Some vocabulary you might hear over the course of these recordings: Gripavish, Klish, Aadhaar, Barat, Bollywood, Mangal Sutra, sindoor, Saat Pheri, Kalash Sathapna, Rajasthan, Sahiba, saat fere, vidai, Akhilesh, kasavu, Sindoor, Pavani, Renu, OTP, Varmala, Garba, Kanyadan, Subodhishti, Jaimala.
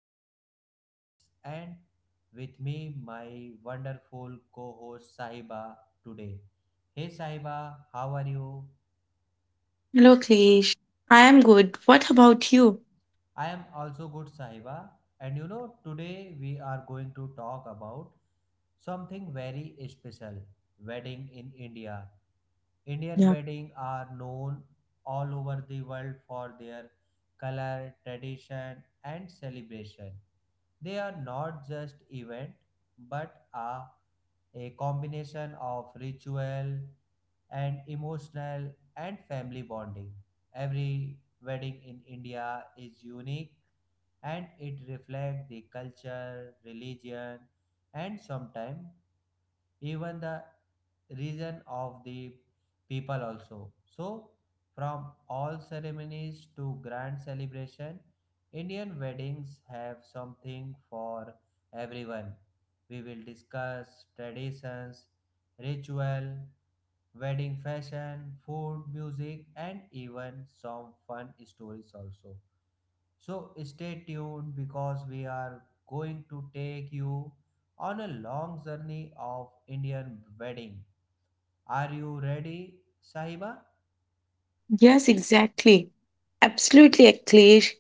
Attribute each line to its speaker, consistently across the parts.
Speaker 1: I am Akhilesh and with me my wonderful co-host Sahiba today. Hey Sahiba, how are you?
Speaker 2: Hello, Klish. I am good. What about you?
Speaker 1: I am also good, Sahiba. And you know, today we are going to talk about something very special wedding in India. Indian
Speaker 2: Yeah.
Speaker 1: weddings are known all over the world for their color, tradition, and celebration. They are not just event but are a combination of ritual and emotional and family bonding. Every wedding in India is unique and it reflects the culture, religion, and sometimes even the region of the people also. So, from all ceremonies to grand celebration, Indian weddings have something for everyone. We will discuss traditions, ritual, wedding fashion, food, music, and even some fun stories also. So stay tuned because we are going to take you on a long journey of Indian wedding. Are you ready, Sahiba?
Speaker 2: Yes, exactly. Absolutely, Klish.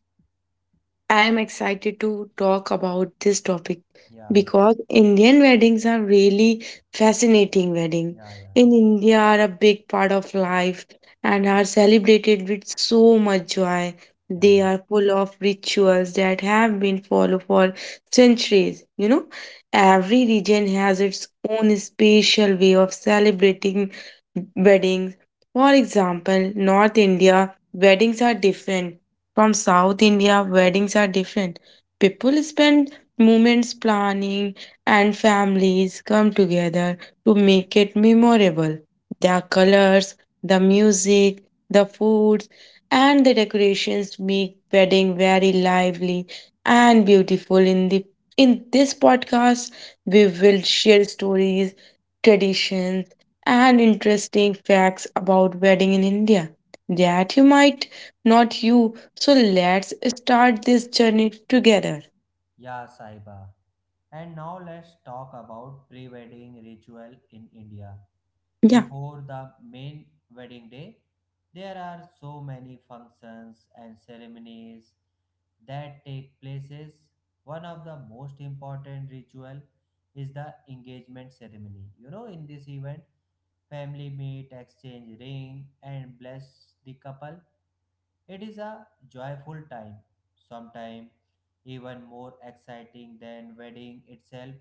Speaker 2: I am excited to talk about this topic
Speaker 1: Yeah,
Speaker 2: because Indian weddings are really fascinating wedding.
Speaker 1: yeah, yeah,
Speaker 2: In India are a big part of life and are celebrated with so much joy. They
Speaker 1: yeah,
Speaker 2: are full of rituals that have been followed for centuries. You know, every region has its own special way of celebrating weddings. For example, North India weddings are different from South India, weddings are different. People spend moments planning, and families come together to make it memorable. The colors, the music, the foods, and the decorations make wedding very lively and beautiful. In this podcast, we will share stories, traditions, and interesting facts about wedding in India that you might not you So let's start this journey together.
Speaker 1: yeah, Sahiba. And now let's talk about pre-wedding ritual in India.
Speaker 2: Yeah.
Speaker 1: Before the main wedding day, there are so many functions and ceremonies that take places. One of the most important ritual is the engagement ceremony. You know, in this event, family meet, exchange ring, and bless the couple. It is a joyful time, sometimes even more exciting than wedding itself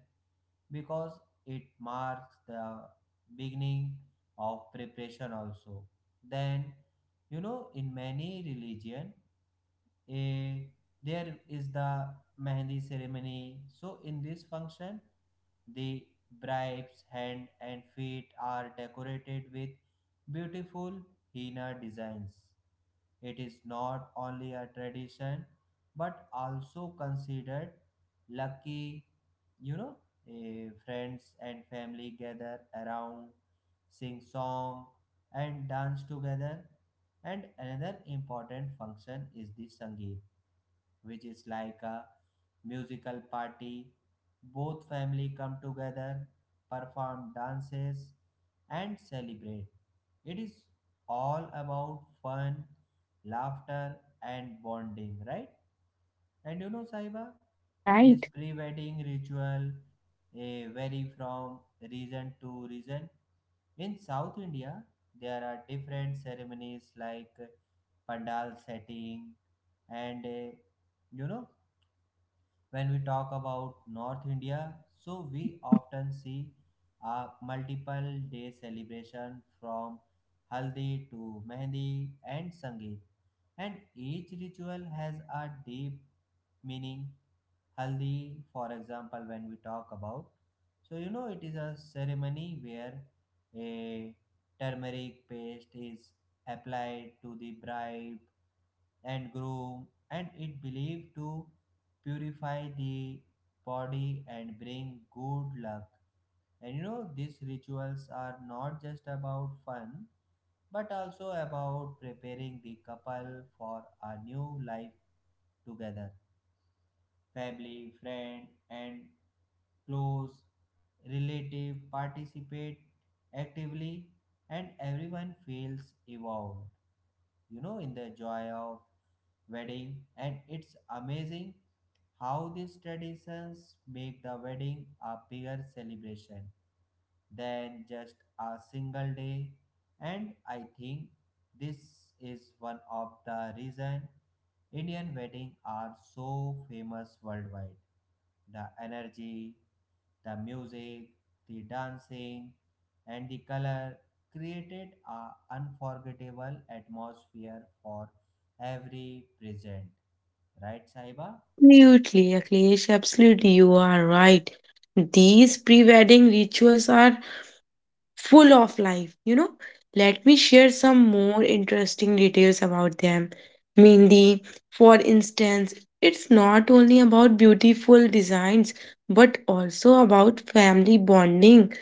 Speaker 1: because it marks the beginning of preparation also. Then you know in many religion, eh, there is the mehndi ceremony. So in this function, the bride's hand and feet are decorated with beautiful henna designs. It is not only a tradition but also considered lucky, you know, friends and family gather around, sing song and dance together. And another important function is the Sangeet, which is like a musical party. Both family come together, perform dances, and celebrate. It is all about fun, laughter, and bonding, right? And you know, Saiba,
Speaker 2: All
Speaker 1: this
Speaker 2: right.
Speaker 1: pre-wedding ritual vary from region to region. In South India, there are different ceremonies like pandal setting, and you know, when we talk about North India, so we often see a multiple day celebration from haldi to mehndi and sangeet. And each ritual has a deep meaning. Haldi, for example, when we talk about, so you know, it is a ceremony where a turmeric paste is applied to the bride and groom, and it believed to purify the body and bring good luck. And you know, these rituals are not just about fun, but
Speaker 2: Yeah,
Speaker 1: also about preparing the couple for a new life together. Family, friend, and close relative participate actively, and everyone feels involved, you know, in the joy of wedding. And it's amazing how these traditions make the wedding a bigger celebration than just a single day. And I think this is one of the reason Indian weddings are so famous worldwide. The energy, the music, the dancing, and the color created a unforgettable atmosphere for every present. Right, Saiba?
Speaker 2: absolutely, Akhilesh, absolutely, you are right. These pre wedding rituals are full of life, you know. Let me share some more interesting details about them. Mehendi, for instance, it's not only about beautiful designs but also about family bonding.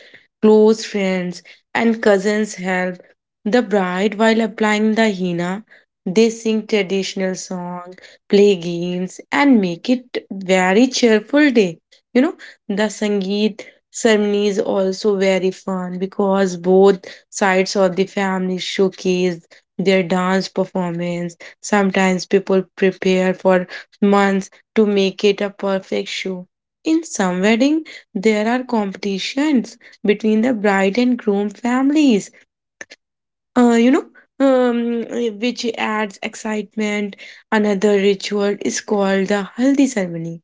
Speaker 2: Close friends and cousins help the bride while applying the henna. They sing traditional songs, play games, and make it very cheerful day. You know, the Sangeet ceremony is also very fun because both sides of the family showcase their dance performance. Sometimes people prepare for months to make it a perfect show. In some wedding, there are competitions between the bride and groom families. Uh, you know, um, which adds excitement. Another ritual is called the haldi ceremony.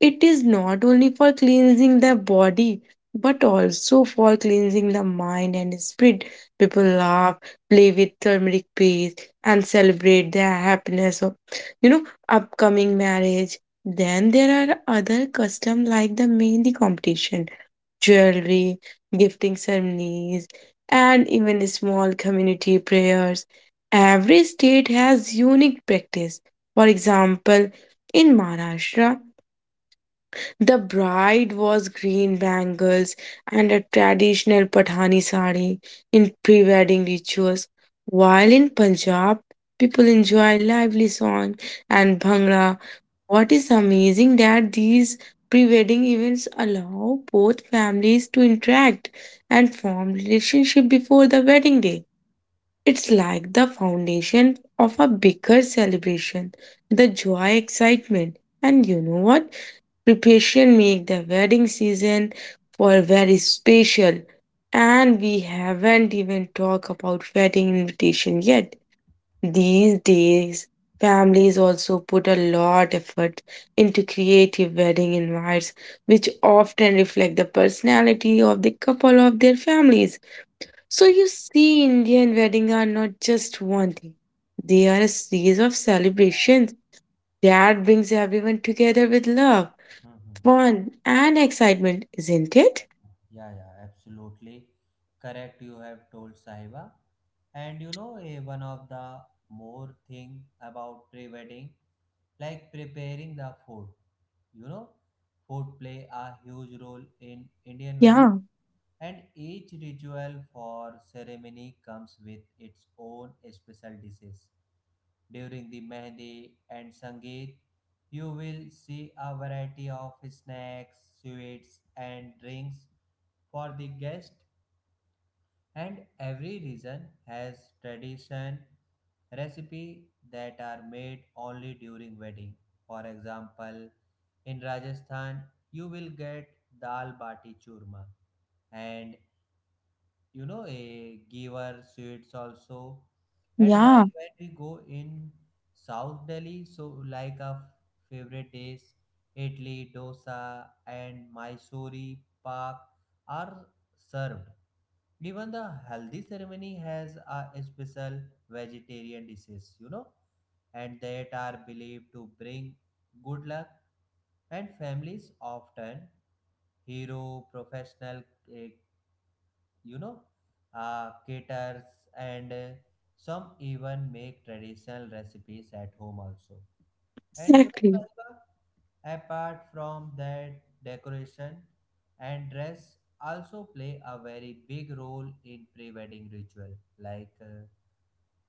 Speaker 2: It is not only for cleansing the body but also for cleansing the mind and spirit. People laugh, play with turmeric paste, and celebrate the happiness of, you know, upcoming marriage. Then there are other customs like the mehndi competition, jewelry, gifting ceremonies, and even small community prayers. Every state has unique practice. For example, in Maharashtra, the bride was green bangles and a traditional Pathani sari in pre wedding rituals, while in Punjab, people enjoy lively song and bhangra. What is amazing that these pre wedding events allow both families to interact and form relationship before the wedding day. It's like the foundation of a bigger celebration, the joy, excitement, and you know what? Preparation make the wedding season for very special and we haven't even talked about wedding invitation yet. These days families also put a lot effort into creative wedding invites which often reflect the personality of the couple of their families. So you see Indian weddings are not just one thing. They are a series of celebrations that brings everyone together with love,
Speaker 1: hmm
Speaker 2: fun and excitement, isn't it?
Speaker 1: Yeah, yeah, absolutely correct. You have told, Sahiba. And you know, one of the more thing about pre-wedding, like preparing the food. You know, food play a huge role in Indian wedding,
Speaker 2: Yeah,
Speaker 1: and each ritual for ceremony comes with its own special dishes. During the mehndi and sangeet, you will see a variety of snacks, sweets, and drinks for the guest, and every region has tradition recipe that are made only during wedding. For example, in Rajasthan, you will get dal bati churma, and you know a giver sweets also. And
Speaker 2: yeah.
Speaker 1: while when we go in south delhi, so like our favorite dish idli dosa and mysore pak are served. Even the haldi ceremony has a special vegetarian dishes, you know, and that are believed to bring good luck. And families often hero professional, uh, you know, caters, and some even make traditional recipes at home also. And you know,
Speaker 2: Exactly.
Speaker 1: Sahiba, apart from that, decoration and dress also play a very big role in pre-wedding ritual. Like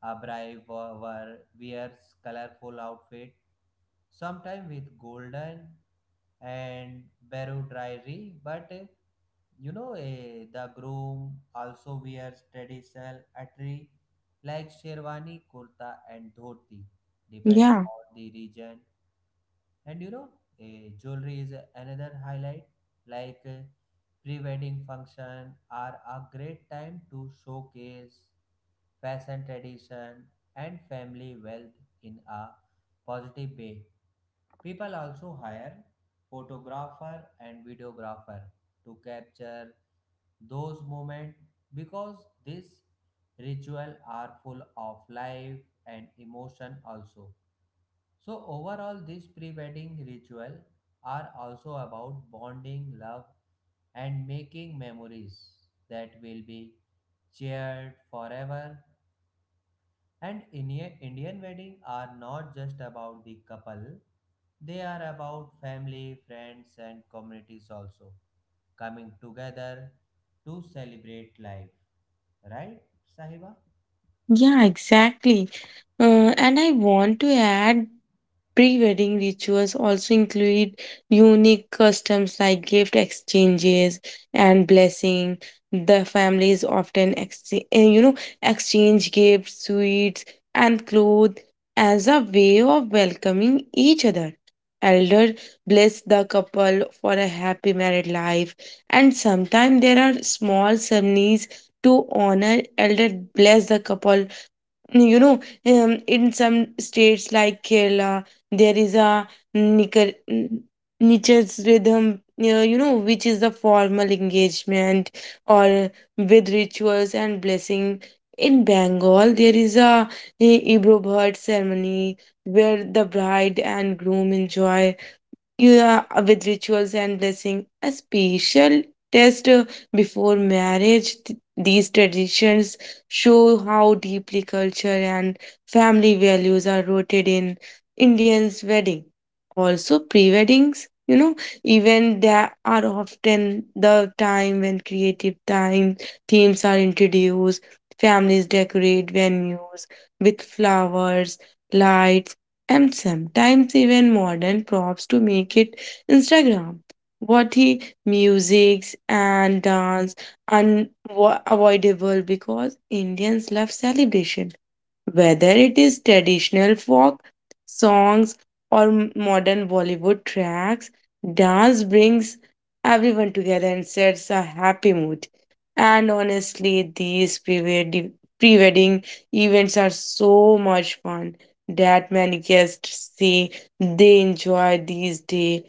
Speaker 1: a bride wears colorful outfit, sometimes with golden and barrow dairy. But you know, the groom also wears traditional attire like sherwani kurta and dhoti depend
Speaker 2: Yeah,
Speaker 1: on the region. And you know, jewelry is another highlight. Like pre-wedding function are a great time to showcase fashion tradition and family wealth in a positive way. People also hire photographer and videographer to capture those moments because these rituals are full of life and emotion also. So overall these pre-wedding ritual are also about bonding love and making memories that will be cheered forever. And Indian weddings are not just about the couple, they are about family, friends, and communities also coming together to celebrate life. Right, Sahiba?
Speaker 2: yeah, exactly. And I want to add, pre-wedding rituals also include unique customs like gift exchanges and blessing. The families often exchange, you know, exchange gifts, sweets, and clothes as a way of welcoming each other. Elder bless the couple for a happy married life, and sometimes there are small ceremonies to honor elder bless the couple, you know, in some states like Kerala there is a Nicar- n- nichas rhythm, you know, which is the formal engagement or with rituals and blessing. In Bengal there is a ibro bird ceremony where the bride and groom enjoy, yeah, with rituals and blessing, a special test before marriage. These traditions show how deeply culture and family values are rooted in Indians' wedding. Also, pre-weddings, you know, even they are often the time when creative time themes are introduced. Families decorate venues with flowers, lights and sometimes even modern props to make it Instagram worthy. Musics and dance unavoidable because Indians love celebration, whether it is traditional folk songs or modern Bollywood tracks, dance brings everyone together and sets a happy mood. And honestly, these pre wedding events are so much fun that many guests say they enjoy these days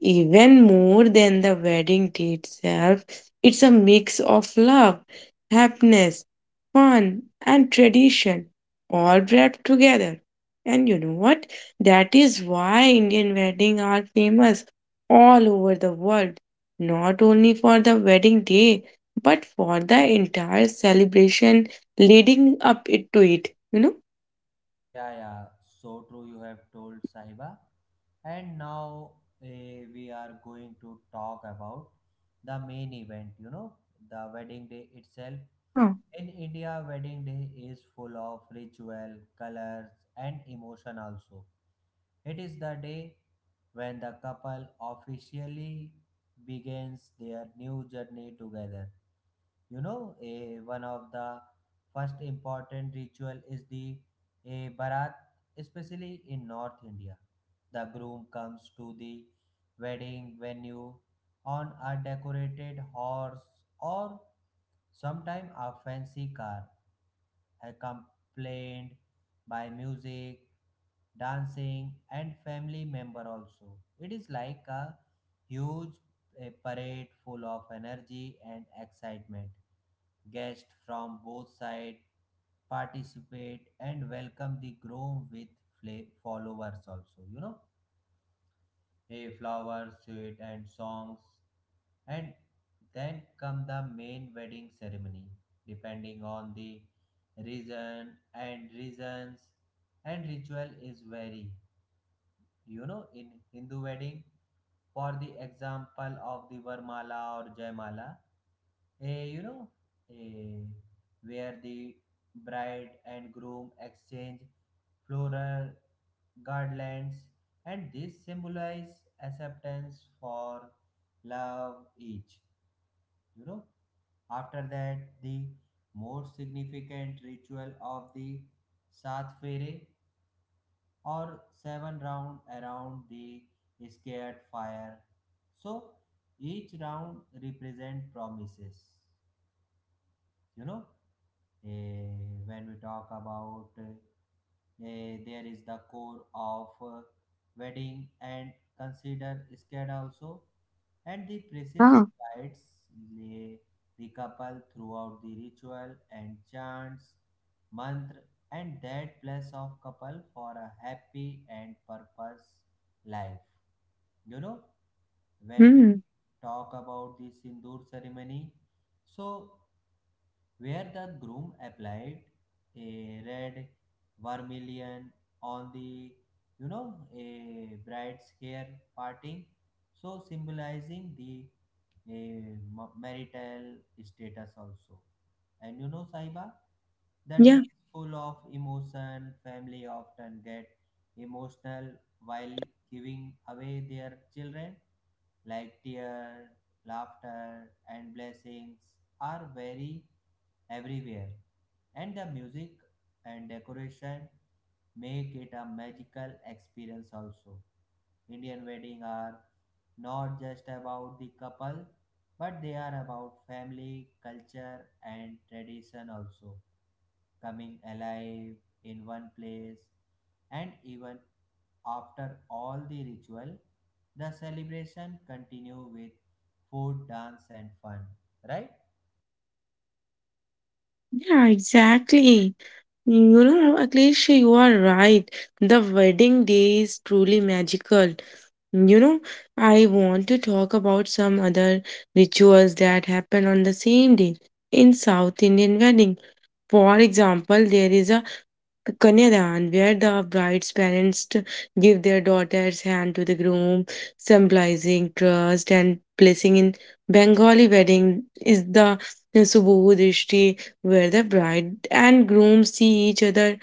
Speaker 2: even more than the wedding day itself. It's a mix of love, happiness, fun, and tradition all wrapped together. And you know what? That is why Indian weddings are famous all over the world, not only for the wedding day, but for the entire celebration leading up it to it, you know?
Speaker 1: Yeah, yeah, so true you have told, Sahiba. And now, we are going to talk about the main event, you know, the wedding day itself.
Speaker 2: Yeah.
Speaker 1: In India, wedding day is full of ritual, colors, and emotion also. It is the day when the couple officially begins their new journey together. You know, one of the first important ritual is the a barat, especially in North India. The groom comes to the wedding venue on a decorated horse or sometime a fancy car, accompanied by music, dancing, and family member also. It is like a huge, parade full of energy and excitement. Guests from both sides participate and welcome the groom with followers also. You know, flowers, sweet, and songs. And then come the main wedding ceremony, depending on the region and reasons and ritual is very. You know, in Hindu wedding, for the example of the Varmala or Jaimala, a you know a where the bride and groom exchange floral garlands, and this symbolize acceptance for love each, you know. After that, the more significant ritual of the saat fere or seven round around the scared fire, so each round represent promises, you know. Eh, when we talk about there is the core of, wedding and consider scared also. And the priest
Speaker 2: Yeah.
Speaker 1: guides the, the couple throughout the ritual and chants mantra, and that bless of couple for a happy and purpose life. You know, when we
Speaker 2: Hmm.
Speaker 1: talk about the sindoor ceremony, so where the groom applied a red vermilion on the, you know, a bride's hair parting, so symbolizing the marital status also. And you know, Saiba, the day
Speaker 2: Yeah.
Speaker 1: is full of emotion. Family often get emotional while giving away their children. Like tear, laughter, and blessings are very everywhere, and the music and decoration make it a magical experience also. Indian weddings are not just about the couple, but they are about family, culture, and tradition also coming alive in one place. And even after all the ritual, the celebration continue with food dance and fun, right?
Speaker 2: Yeah, exactly. You know, Akhilesh, you are right. The wedding day is truly magical. You know, I want to talk about some other rituals that happen on the same day in South Indian wedding. For example, there is a Kanyadan where the bride's parents give their daughter's hand to the groom, symbolizing trust and blessing. In Bengali wedding is the Subodhishti where the bride and groom see each other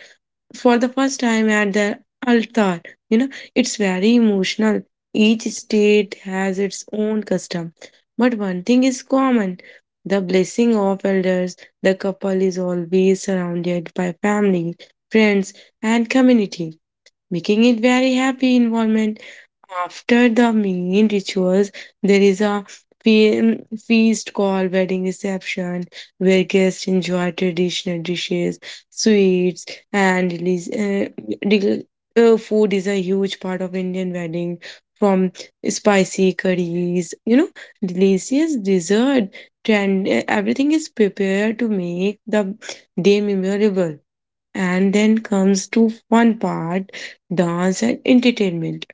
Speaker 2: for the first time at the altar. You know, it's very emotional. Each state has its own custom. But one thing is common, the blessing of elders. The couple is always surrounded by family, friends, and community, making it very happy environment. After the main rituals, there is a fe- feast called wedding reception where guests enjoy traditional dishes, sweets, and release, rel- food is a huge part of Indian wedding. From spicy curries, you know, delicious dessert, and everything is prepared to make the day memorable. And then comes to fun part, dance and entertainment.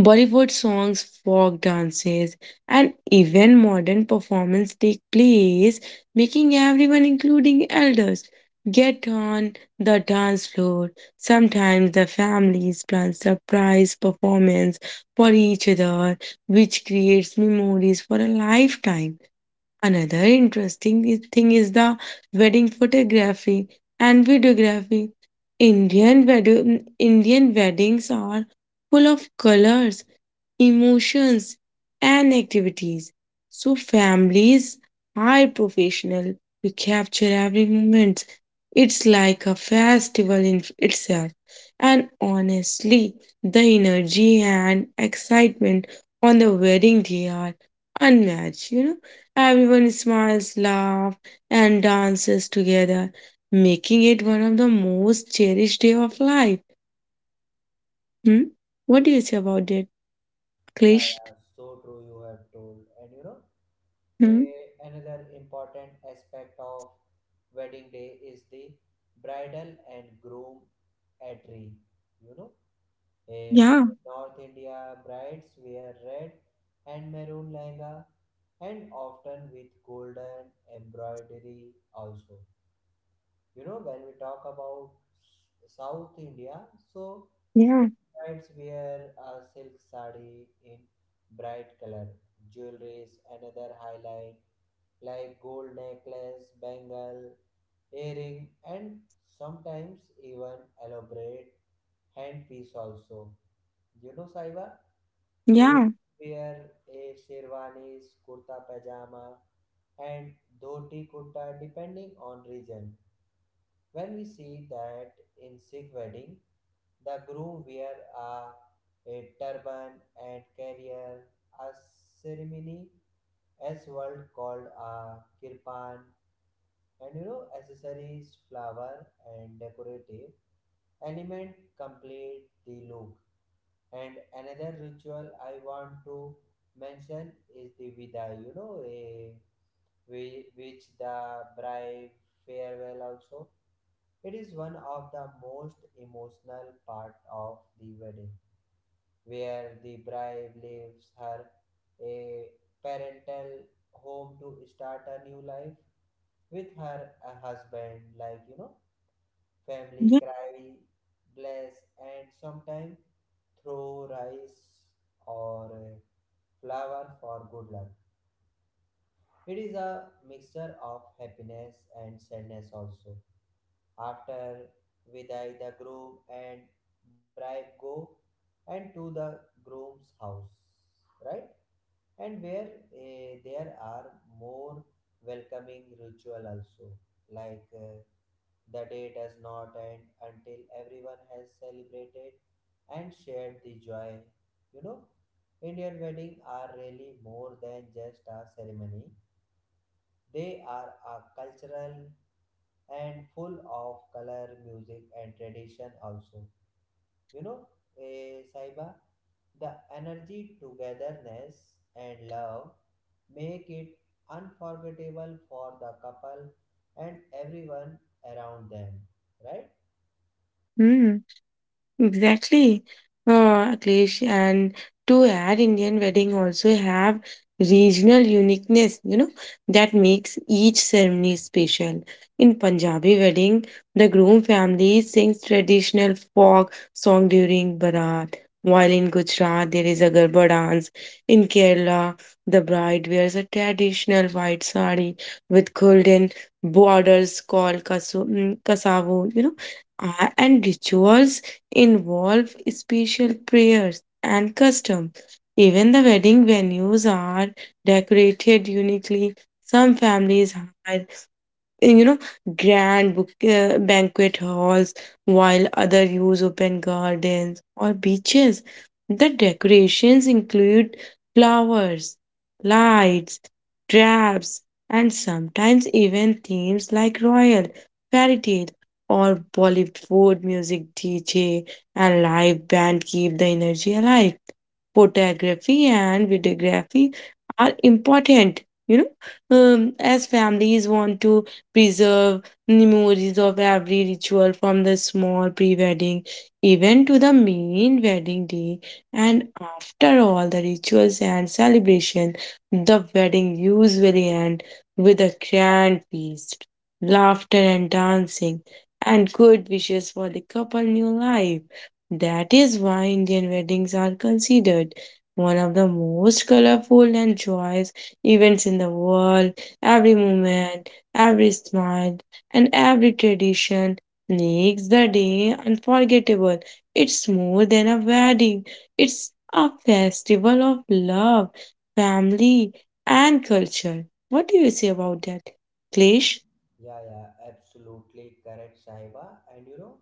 Speaker 2: Bollywood songs, folk dances, and even modern performance take place, making everyone, including elders, get on the dance floor. Sometimes the families plan surprise performance for each other, which creates memories for a lifetime. Another interesting thing is the wedding photography and videography. Indian weddings are full of colors, emotions, and activities. So families hire professional to capture every moment. It's like a festival in itself. And honestly, the energy and excitement on the wedding day are unmatched, you know. Everyone smiles, laughs, and dances together, making it one of the most cherished day of life. Hmm? What do you say about it,
Speaker 1: Yeah,
Speaker 2: Klish?
Speaker 1: yeah, so true you have told. And you know,
Speaker 2: Hmm?
Speaker 1: another important aspect of wedding day is the bridal and groom attire. You know, a
Speaker 2: Yeah,
Speaker 1: North India brides wear red and maroon lehenga and often with golden embroidery also. You know, when we talk about south india, so many
Speaker 2: yeah,
Speaker 1: brides wear a silk sari in bright color. Jewelries another highlight, like gold necklace bangle earring, and sometimes even elaborate handpiece also. You know, Saiba, groom
Speaker 2: yeah,
Speaker 1: wear a sherwanis kurta pajama and dhoti kurta depending on region. When we see that in Sikh wedding, the groom wear a turban and carrier, a ceremony as world called a kirpan. And you know, accessories flower and decorative element complete the look. And another ritual I want to mention is the vidai, you know, which the bride farewell also. It is one of the most emotional part of the wedding, where the bride leaves her a parental home to start a new life with her a husband. Like you know, family
Speaker 2: yeah.
Speaker 1: cry, bless, and sometimes throw rice or flower for good luck. It is a mixture of happiness and sadness also. After Vidai, the groom and bride go and to the groom's house, right? And where there are more welcoming ritual also. Like the day does not end until everyone has celebrated and shared the joy. You know, Indian weddings are really more than just a ceremony. They are a cultural and full of color, music, and tradition also. You know, Saiba, the energy, togetherness, and love make it unforgettable for the couple and everyone around them, right?
Speaker 2: Hmm. Exactly. Akhilesh, and to add, Indian wedding also have regional uniqueness, you know, that makes each ceremony special. In Punjabi wedding, the groom family sings traditional folk song during Barat, while in Gujarat there is a Garba dance. In Kerala, the bride wears a traditional white sari with golden borders called kasu, mm, kasavu, you know, and rituals involve special prayers and custom. Even the wedding venues are decorated uniquely. Some families hire, you know, grand book, banquet halls, while other use open gardens or beaches. The decorations include flowers, lights, drapes and sometimes even themes like royal, fairy tale, or Bollywood music. DJ and live band keep the energy alive. Photography and videography are important, you know, as families want to preserve memories of every ritual, from the small pre-wedding event to the main wedding day. And after all the rituals and celebration, the wedding usually end with a grand feast, laughter and dancing and good wishes for the couple new life. That is why Indian weddings are considered one of the most colorful and joyous events in the world. Every moment, every smile, and every tradition makes the day unforgettable. It's more than a wedding, it's a festival of love, family, and culture. What do you say about that, Klish?
Speaker 1: Yeah, yeah, absolutely correct, Saiba. And you know,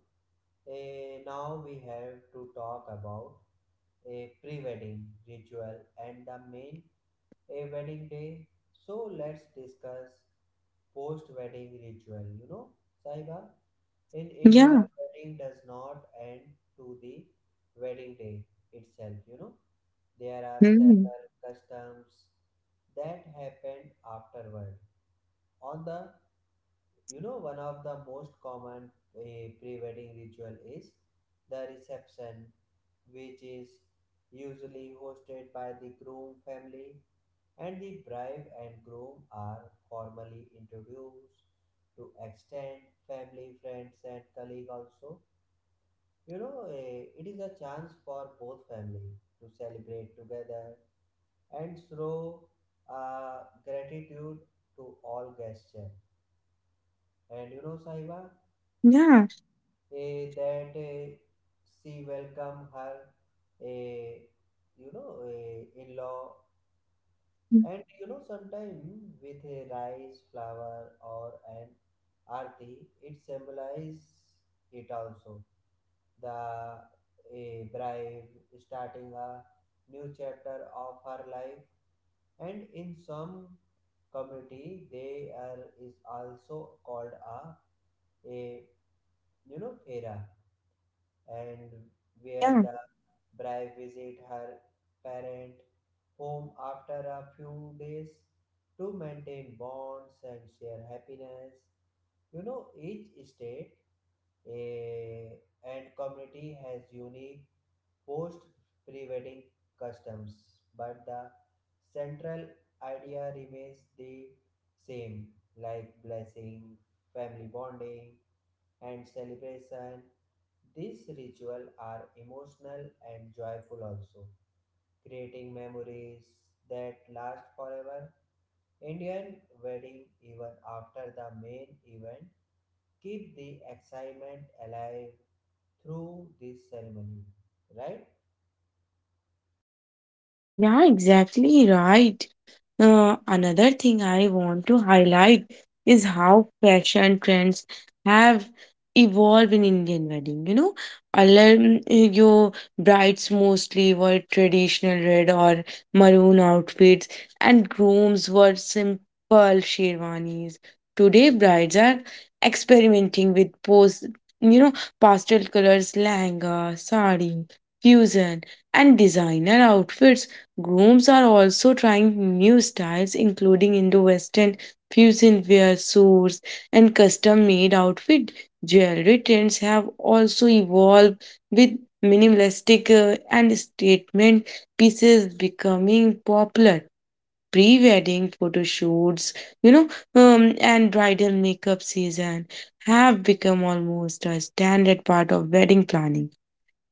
Speaker 1: now we have to talk about a pre-wedding ritual and the main a wedding day. So let's discuss post wedding ritual. You know, Saiba, in India,
Speaker 2: Yeah.
Speaker 1: wedding does not end to the wedding day itself. You know, there are
Speaker 2: Hmm.
Speaker 1: several customs that happened afterward. On the, you know, one of the most common pre wedding ritual is the reception, which is usually hosted by the groom family. And the bride and groom are formally introduced to extend family, friends, and colleague also. It is a chance for both family to celebrate together and show gratitude to all gesture. And you know, Saiba,
Speaker 2: Yeah.
Speaker 1: eh, that eh, She welcome her, eh, in-law. And you know, sometimes with a rice, flower, or an arti, it symbolizes it also. The A bride starting a new chapter of her life, and in some community, they are is also called a fera and where
Speaker 2: Yeah,
Speaker 1: the bride visit her parent home after a few days to maintain bonds and share happiness. You know, each state eh, and community has unique post pre-wedding customs, but the central idea remains the same, like blessing, family bonding, and celebration. These rituals are emotional and joyful also, creating memories that last forever. Indian wedding, even after the main event, keep the excitement alive through this ceremony, right?
Speaker 2: yeah, exactly right. Another thing I want to highlight is how fashion trends have evolved in Indian wedding. You know, earlier mm, your brides mostly were traditional red or maroon outfits, and grooms were simple sherwanis. Today, brides are experimenting with post, you know, pastel colors, lehenga, sari, fusion, and designer outfits. Grooms are also trying new styles, including Indo Western fusion wear, suits, and custom made outfit. Jewelry trends have also evolved with minimalistic and statement pieces becoming popular. Pre wedding photo shoots, you know, and bridal makeup season have become almost a standard part of wedding planning.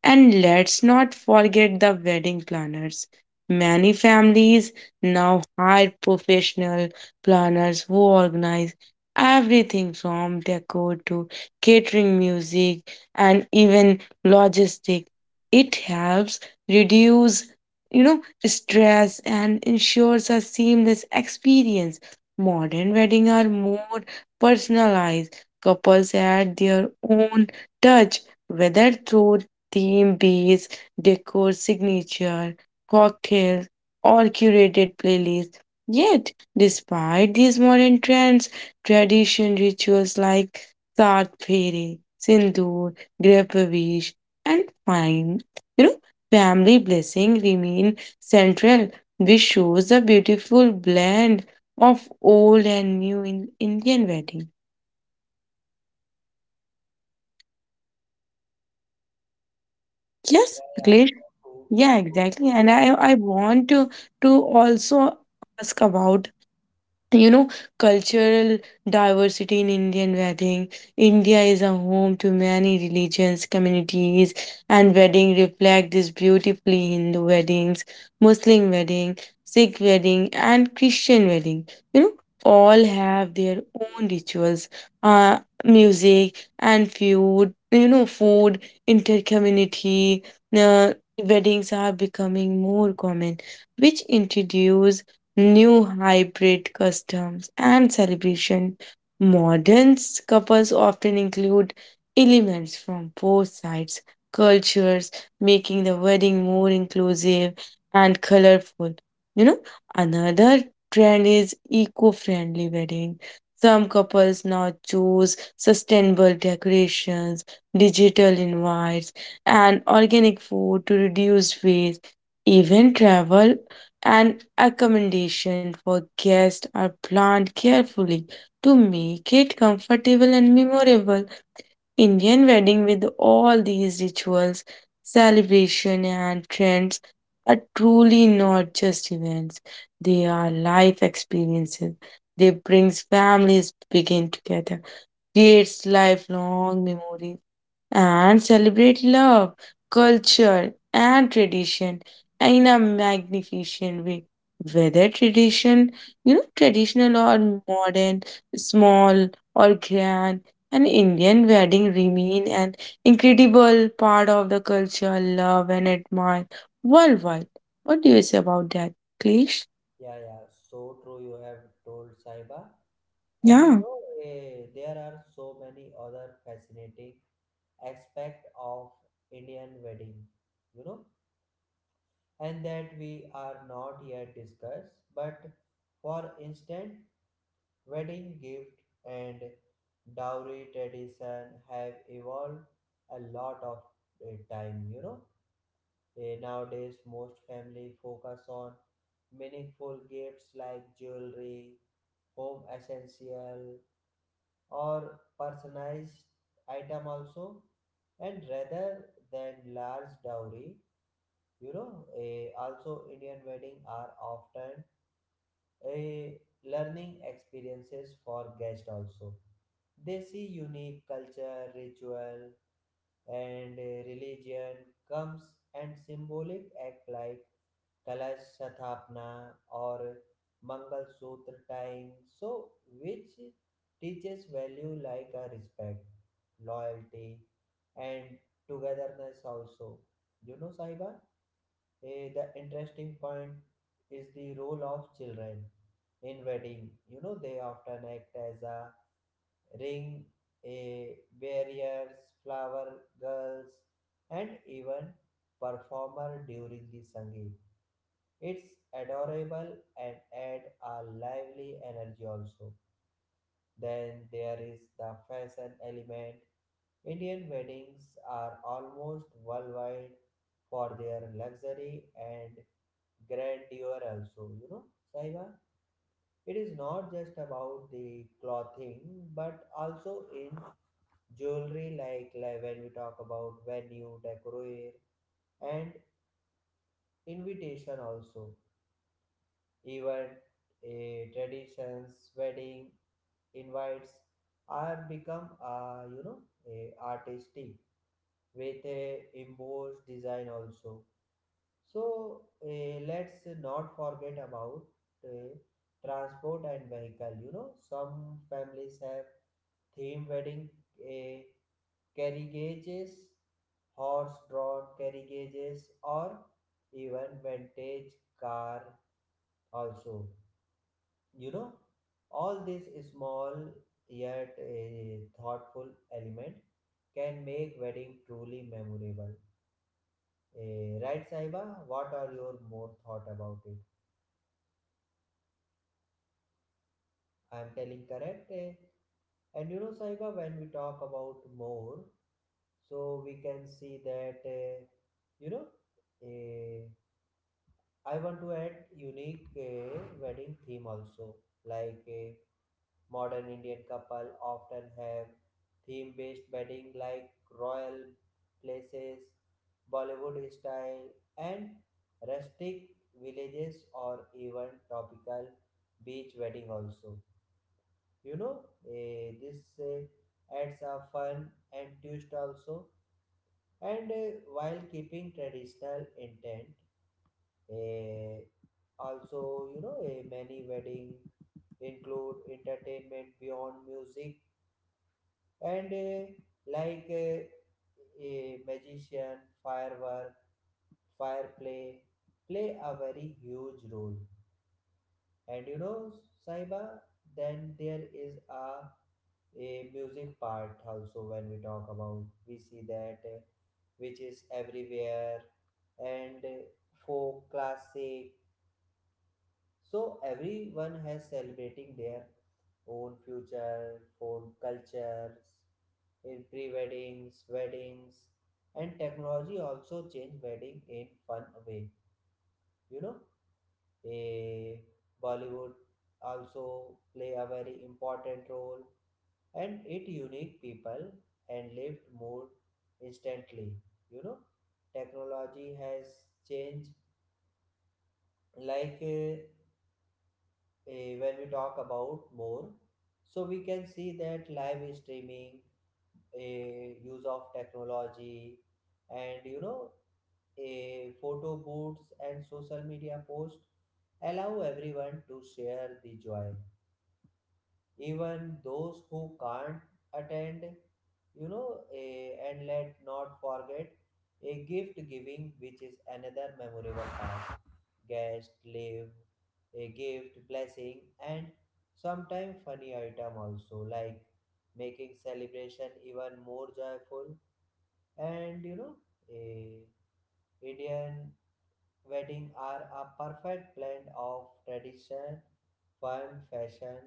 Speaker 2: And let's not forget the wedding planners. Many families now hire professional planners who organize everything from decor to catering, music, and even logistic. It helps reduce, you know, stress and ensures a seamless experience. Modern weddings are more personalized. Couples add their own touch, whether through theme bees, decor signature, cocktails, or curated playlists. Yet, despite these modern trends, tradition rituals like Saat Pheri, Sindoor, Gripavish, and fine, you know, family blessing remain central, which shows the beautiful blend of old and new in Indian wedding. Yes,
Speaker 1: Yeah, yeah,
Speaker 2: Akhilesh?
Speaker 1: so true,
Speaker 2: Yeah,
Speaker 1: so
Speaker 2: exactly.
Speaker 1: true.
Speaker 2: And I want to also ask about, you know, cultural diversity in Indian wedding. India is a home to many religions communities and wedding reflect this beautifully. Hindu weddings, Muslim wedding, Sikh wedding and Christian wedding, you know, all have their own rituals, music and food. You know, food intercommunity uh, weddings are becoming more common, which introduce new hybrid customs and celebration. Modern couples often include elements from both sides cultures, making the wedding more inclusive and colorful. You know, another trend is eco-friendly wedding. Some couples now choose sustainable decorations, digital invites, and organic food to reduce waste. Even travel and accommodation for guests are planned carefully to make it comfortable and memorable. Indian wedding with all these rituals, celebration and trends are truly not just events. They are life experiences. They brings families begin together, creates lifelong memories and celebrate love, culture, and tradition in a magnificent way. Whether traditional or modern, small or grand, an Indian wedding remain an incredible part of the culture, love, and admire worldwide. What do you say about that, Klish?
Speaker 1: Yeah, yeah, so true. You have told Saiba, and
Speaker 2: Yeah,
Speaker 1: there are so many other fascinating aspect of Indian wedding, you know, and that we are not yet discussed. But for instance, wedding gift and dowry tradition have evolved a lot of time, you know. Nowadays, most family focus on meaningful gifts like jewelry, home essential, or personalized item also, and rather than large dowry. Also Indian wedding are often a learning experiences for guests also. They see unique culture, ritual, and religion comes and symbolic act like Kalash Sathapna or Mangal Sutra tying, so which teaches value like a respect, loyalty, and togetherness also. You know, Saiba? The interesting point is the role of children in wedding. You know, they often act as a ring, a barriers, flower girls, and even performer during the sangeet. It's adorable and add a lively energy also. Then there is the fashion element. Indian weddings are almost worldwide for their luxury and grandeur also, you know, Saiba, it is not just about the clothing but also in jewelry like when we talk about venue decor and invitation also, even a traditions wedding invites are become a artistic with a embossed design also. So let's not forget about eh, transport and vehicle. You know, some families have theme wedding uh, carriages, horse-drawn carriages, or even vintage car. Also, you know, all these small yet thoughtful element can make wedding truly memorable. Right, Saiba? What are your more thought about it? I am telling correct. Eh? And you know, Saiba, when we talk about more, so we can see that, you know, eh, I want to add unique wedding theme also. Like a modern Indian couple often have theme based wedding like royal places, Bollywood style, and rustic villages or even topical beach wedding also. you know this eh, adds a fun and twist also, and while keeping traditional intent eh, also. Many wedding include entertainment beyond music and like eh, a magician firework fire play a very huge role. And you know, Saiba, then there is a music part also. When we talk, about we see that which is everywhere and folk classic, so everyone has celebrating their own future own cultures in pre-weddings weddings, and technology also change wedding in fun way. You know, a Bollywood also play a very important role, and it unique people and lived more instantly. You know, technology has changed like when we talk about more, so we can see that live streaming, uh, use of technology, and you know, a photo booths and social media posts allow everyone to share the joy, even those who can't attend. And let not forget a gift giving, which is another memorable part. Guest leave a gift blessing and sometimes funny item also, like making celebration even more joyful. And you know, a Indian wedding are a perfect blend of tradition, fun, fashion,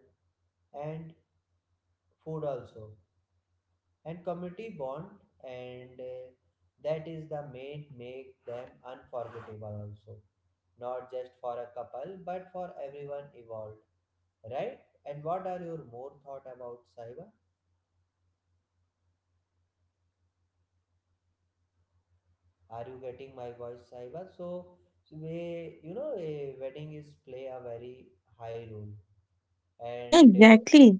Speaker 1: and food also, and community bond, and that is the main make them unforgettable also, not just for a couple but for everyone involved, right? And what are your more thought about, Saiba? Are you getting my voice, Saiba? So so we, you know, a wedding is play a very high role,
Speaker 2: yeah,
Speaker 1: and
Speaker 2: exactly.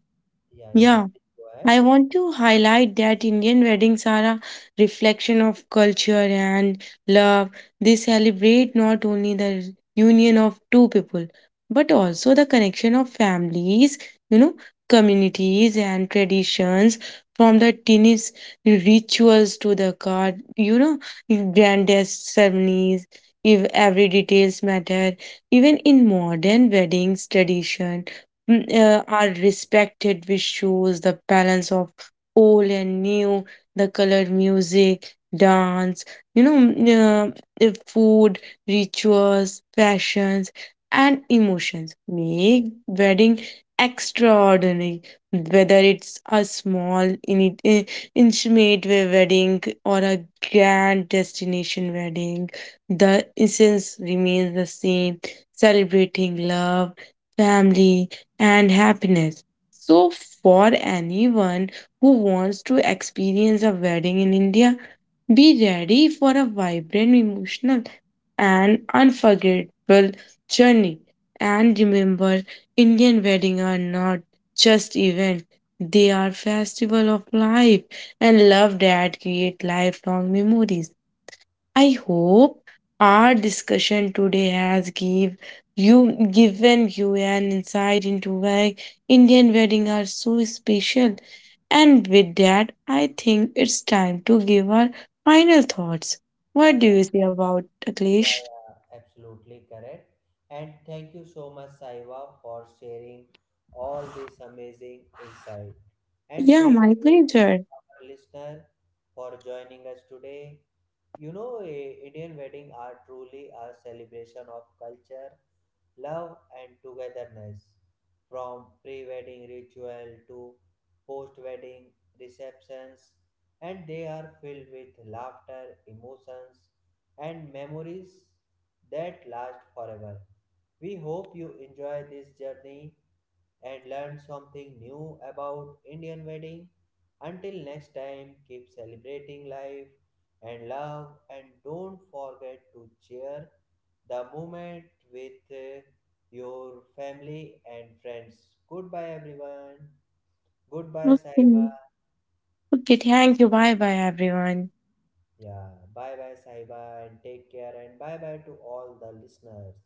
Speaker 1: yeah, yeah,
Speaker 2: Yeah.
Speaker 1: please go ahead.
Speaker 2: I want to highlight that Indian weddings are a reflection of culture and love. They celebrate not only the union of two people, but also the connection of families, you know, communities and traditions from the tiniest rituals to the card, you know, grandest ceremonies. If every details matter, even in modern weddings tradition, are respected, which shows the balance of old and new, the colored music, dance, you know, food, rituals, fashions, and emotions. Make wedding extraordinary, whether it's a small, in, uh, intimate wedding or a grand destination wedding. The essence remains the same, celebrating love, family, and happiness. So, for anyone who wants to experience a wedding in India, be ready for a vibrant, emotional, and unforgettable journey. And remember, Indian weddings are not just events, they are festival of life and love that create lifelong memories. I hope our discussion today has given you an insight into why Indian weddings are so special. And with that, I think it's time to give our final thoughts.
Speaker 1: Yeah,
Speaker 2: What do
Speaker 1: yeah.
Speaker 2: you say about
Speaker 1: Yeah,
Speaker 2: Aklesh?
Speaker 1: yeah, absolutely correct. And thank you so much, Saiva, for sharing all this amazing insight. And
Speaker 2: Yeah,
Speaker 1: thank
Speaker 2: my
Speaker 1: you to
Speaker 2: pleasure.
Speaker 1: our listener for joining us today. Indian wedding are truly a celebration of culture, love, and togetherness. From pre wedding ritual to post wedding receptions, and they are filled with laughter, emotions, and memories that last forever. We hope you enjoy this journey and learn something new about Indian wedding. Until next time, keep celebrating life and love, and don't forget to share the moment with your family and friends. Goodbye everyone. Goodbye Saiba.
Speaker 2: Okay. Okay, thank you. Bye bye everyone.
Speaker 1: Yeah, bye bye Saiba, and take care, and bye bye to all the listeners.